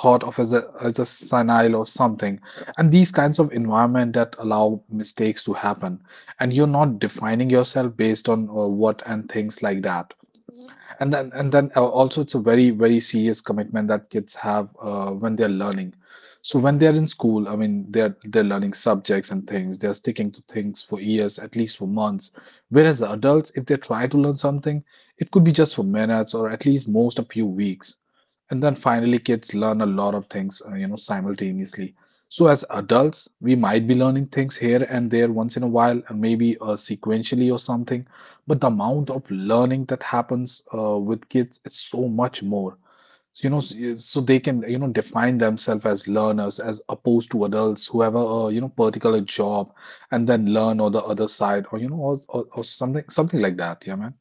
[SPEAKER 2] thought of as a senile or something. And these kinds of environment that allow mistakes to happen, and you're not defining yourself based on what and things like that. And then also, it's a very, very serious commitment that kids have when they're learning. So when they're in school, I mean, they're learning subjects and things. They're sticking to things for years, at least for months. Whereas the adults, if they try to learn something, it could be just for minutes or at least most a few weeks. And then finally, kids learn a lot of things simultaneously. So as adults, we might be learning things here and there once in a while, and maybe sequentially or something, but the amount of learning that happens with kids is so much more. So, so they can define themselves as learners as opposed to adults who have a particular job, and then learn on the other side or, you know, or something, like that. Yeah, man.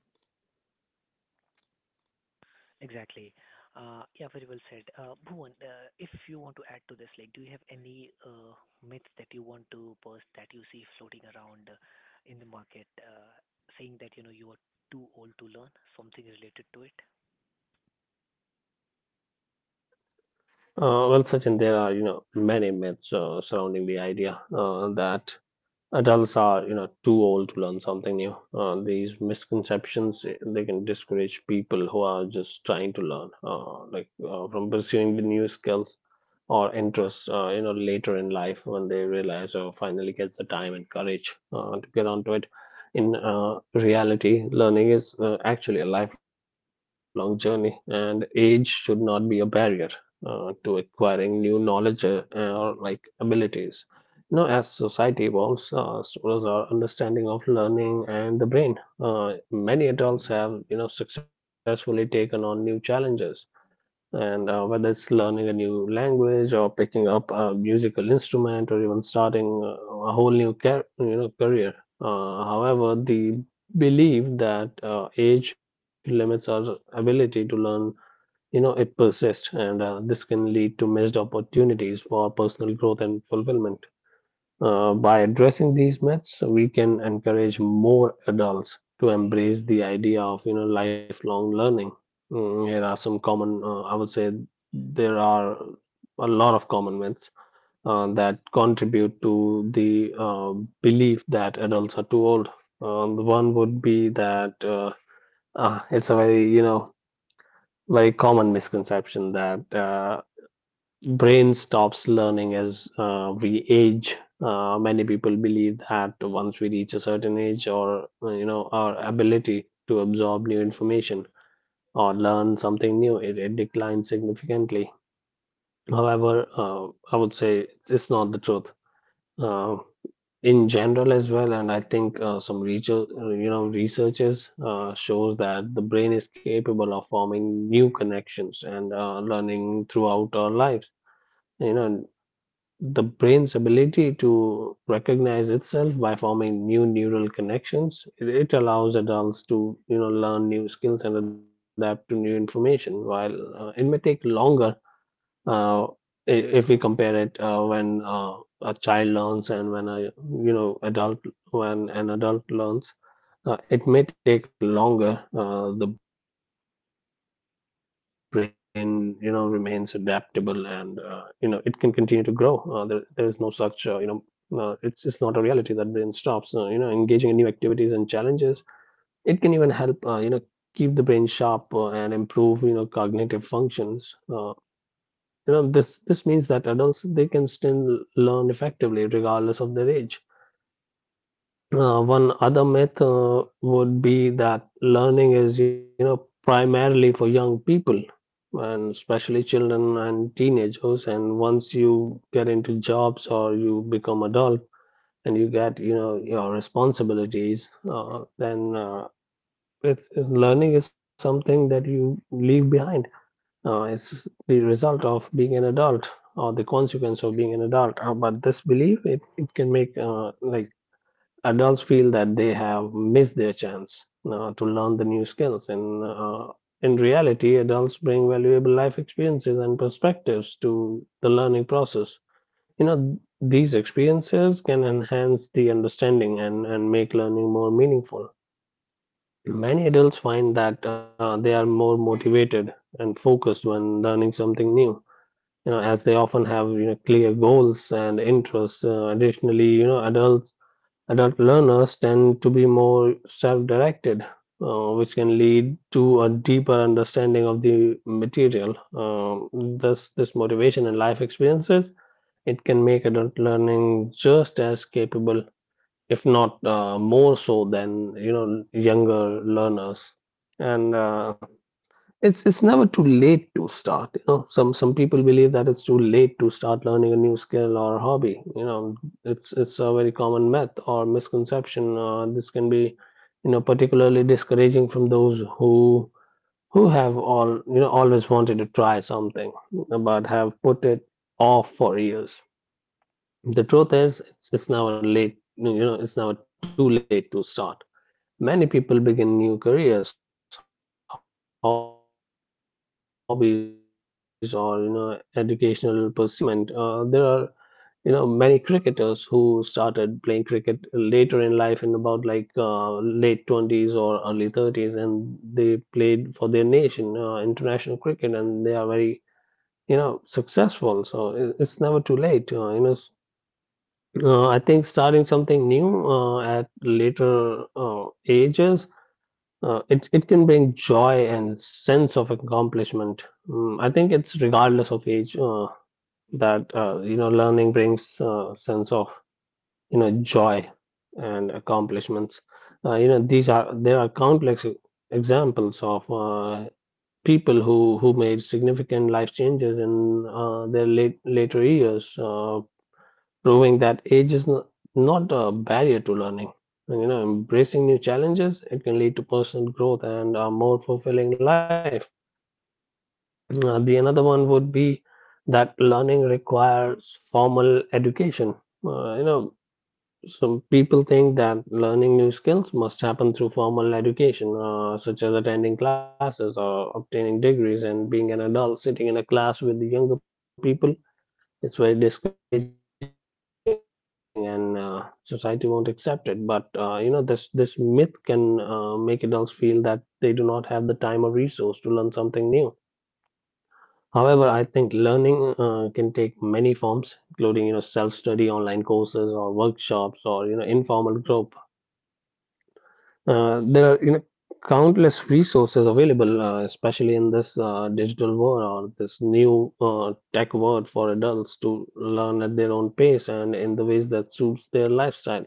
[SPEAKER 1] Exactly. Yeah, very well said. Bhuvan, if you want to add to this, like, do you have any myths that you want to burst that you see floating around in the market, saying that you know you are too old to learn? Something related to it?
[SPEAKER 3] Well, Sachin, there are many myths surrounding the idea that adults are too old to learn something new. These misconceptions, they can discourage people who are just trying to learn, from pursuing the new skills or interests later in life, when they realize or finally gets the time and courage to get onto it. In reality, learning is actually a lifelong journey, and age should not be a barrier to acquiring new knowledge, or like abilities. You know, as society evolves, so does our understanding of learning and the brain. Many adults have, you know, successfully taken on new challenges, and whether it's learning a new language or picking up a musical instrument or even starting a whole new, career. However, the belief that age limits our ability to learn, you know, it persists, and this can lead to missed opportunities for personal growth and fulfillment. By addressing these myths, we can encourage more adults to embrace the idea of lifelong learning. Mm, here are some common, I would say, there are a lot of common myths that contribute to the belief that adults are too old. The one would be that, it's a very, very common misconception that brain stops learning as we age. Many people believe that once we reach a certain age, or our ability to absorb new information or learn something new, it declines significantly. However, I would say it's not the truth. Uh, in general as well, and I think some research, researchers shows that the brain is capable of forming new connections and learning throughout our lives. you know The brain's ability to recognize itself by forming new neural connections, it allows adults to, you know, learn new skills and adapt to new information. While it may take longer, uh, if we compare it when a child learns and when a, you know, adult when an adult learns. It may take longer. The brain, you know, remains adaptable, and you know, it can continue to grow. There is no such, it's not a reality that brain stops. You know, engaging in new activities and challenges, it can even help, you know, keep the brain sharp and improve, you know, cognitive functions. This means that adults, they can still learn effectively regardless of their age. One other myth would be that learning is, you know, primarily for young people, and especially children and teenagers. And once you get into jobs or you become adult and you get, you know, your responsibilities, then learning is something that you leave behind. It's the result of being an adult, or the consequence of being an adult. But this belief, it can make, adults feel that they have missed their chance to learn the new skills, and in reality, adults bring valuable life experiences and perspectives to the learning process. You know, these experiences can enhance the understanding, and, make learning more meaningful. Many adults find that they are more motivated and focused when learning something new, as they often have clear goals and interests. Additionally, you know, adult learners tend to be more self-directed, which can lead to a deeper understanding of the material. Thus, this motivation and life experiences, it can make adult learning just as capable, if not more so, than younger learners. And it's never too late to start. You know, some people believe that it's too late to start learning a new skill or hobby. You know, it's a very common myth or misconception. This can be, you know, particularly discouraging from those who have all, always wanted to try something but have put it off for years. The truth is it's never late. You know, it's never too late to start. Many people begin new careers, hobbies, or educational pursuits later in life and find great success and fulfillment. There are many cricketers who started playing cricket later in life, in about like late 20s or early 30s, and they played for their nation, international cricket, and they are very, successful. So, it's never too late, I think starting something new at later ages, it can bring joy and sense of accomplishment. Mm, I think it's regardless of age, that learning brings sense of joy and accomplishments. You know these are There are countless examples of people who made significant life changes in their later years. Proving that age is not a barrier to learning. And, you know, embracing new challenges, it can lead to personal growth and a more fulfilling life. The another one would be that learning requires formal education. You know, some people think that learning new skills must happen through formal education, such as attending classes or obtaining degrees, and being an adult sitting in a class with the younger people, it's very discouraging, and society won't accept it. But this myth can make adults feel that they do not have the time or resource to learn something new. However, I think learning can take many forms, including self study, online courses, or workshops, or informal group. There are, countless resources available, especially in this digital world or this new tech world, for adults to learn at their own pace and in the ways that suits their lifestyle.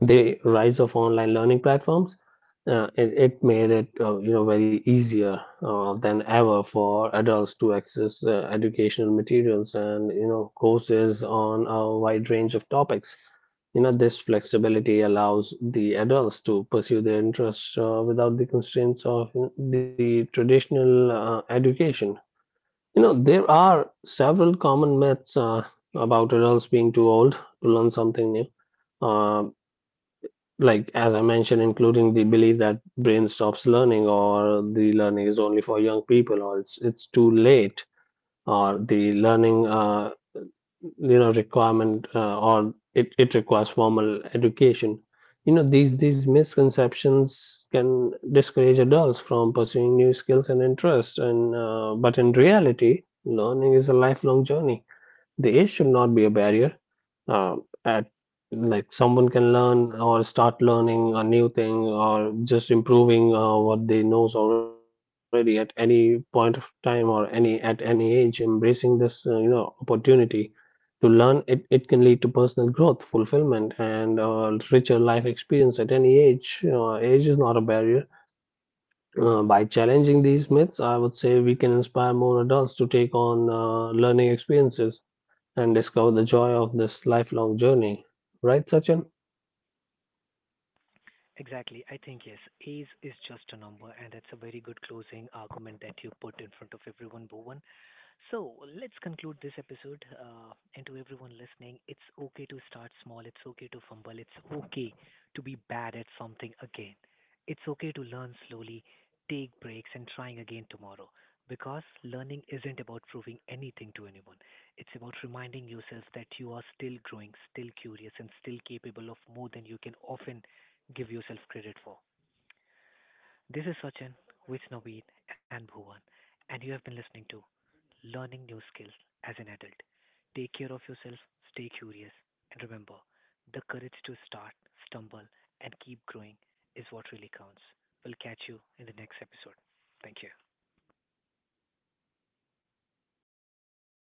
[SPEAKER 3] The rise of online learning platforms, it made it, you know, very easier than ever for adults to access educational materials and courses on a wide range of topics. You know, this flexibility allows the adults to pursue their interests without the constraints of, you know, the traditional education. You know, there are several common myths about adults being too old to learn something new. Um like as I mentioned, including the belief that brain stops learning, or the learning is only for young people, or it's too late, or the learning, you know requirement or it requires formal education. You know, these misconceptions can discourage adults from pursuing new skills and interests. And but in reality, learning is a lifelong journey. The age should not be a barrier, uh, at like someone can learn or start learning a new thing, or just improving what they knows already, at any point of time or any at any age. Embracing this, opportunity to learn, it can lead to personal growth, fulfillment, and richer life experience at any age. Age is not a barrier. By challenging these myths, I would say we can inspire more adults to take on learning experiences and discover the joy of this lifelong journey. Right, Sachin?
[SPEAKER 1] Exactly. I think yes, age is just a number, and that's a very good closing argument that you put in front of everyone, Bowen. So let's conclude this episode. And to everyone listening, it's okay to start small. It's okay to fumble. It's okay to be bad at something again. It's okay to learn slowly, take breaks, and trying again tomorrow. Because learning isn't about proving anything to anyone. It's about reminding yourself that you are still growing, still curious, and still capable of more than you can often give yourself credit for. This is Sachin with Naveed and Bhuvan, and you have been listening to learning new skills as an adult. Take care of yourself, stay curious, and remember the courage to start, stumble, and keep growing is what really counts. We'll catch you in the next episode. Thank you.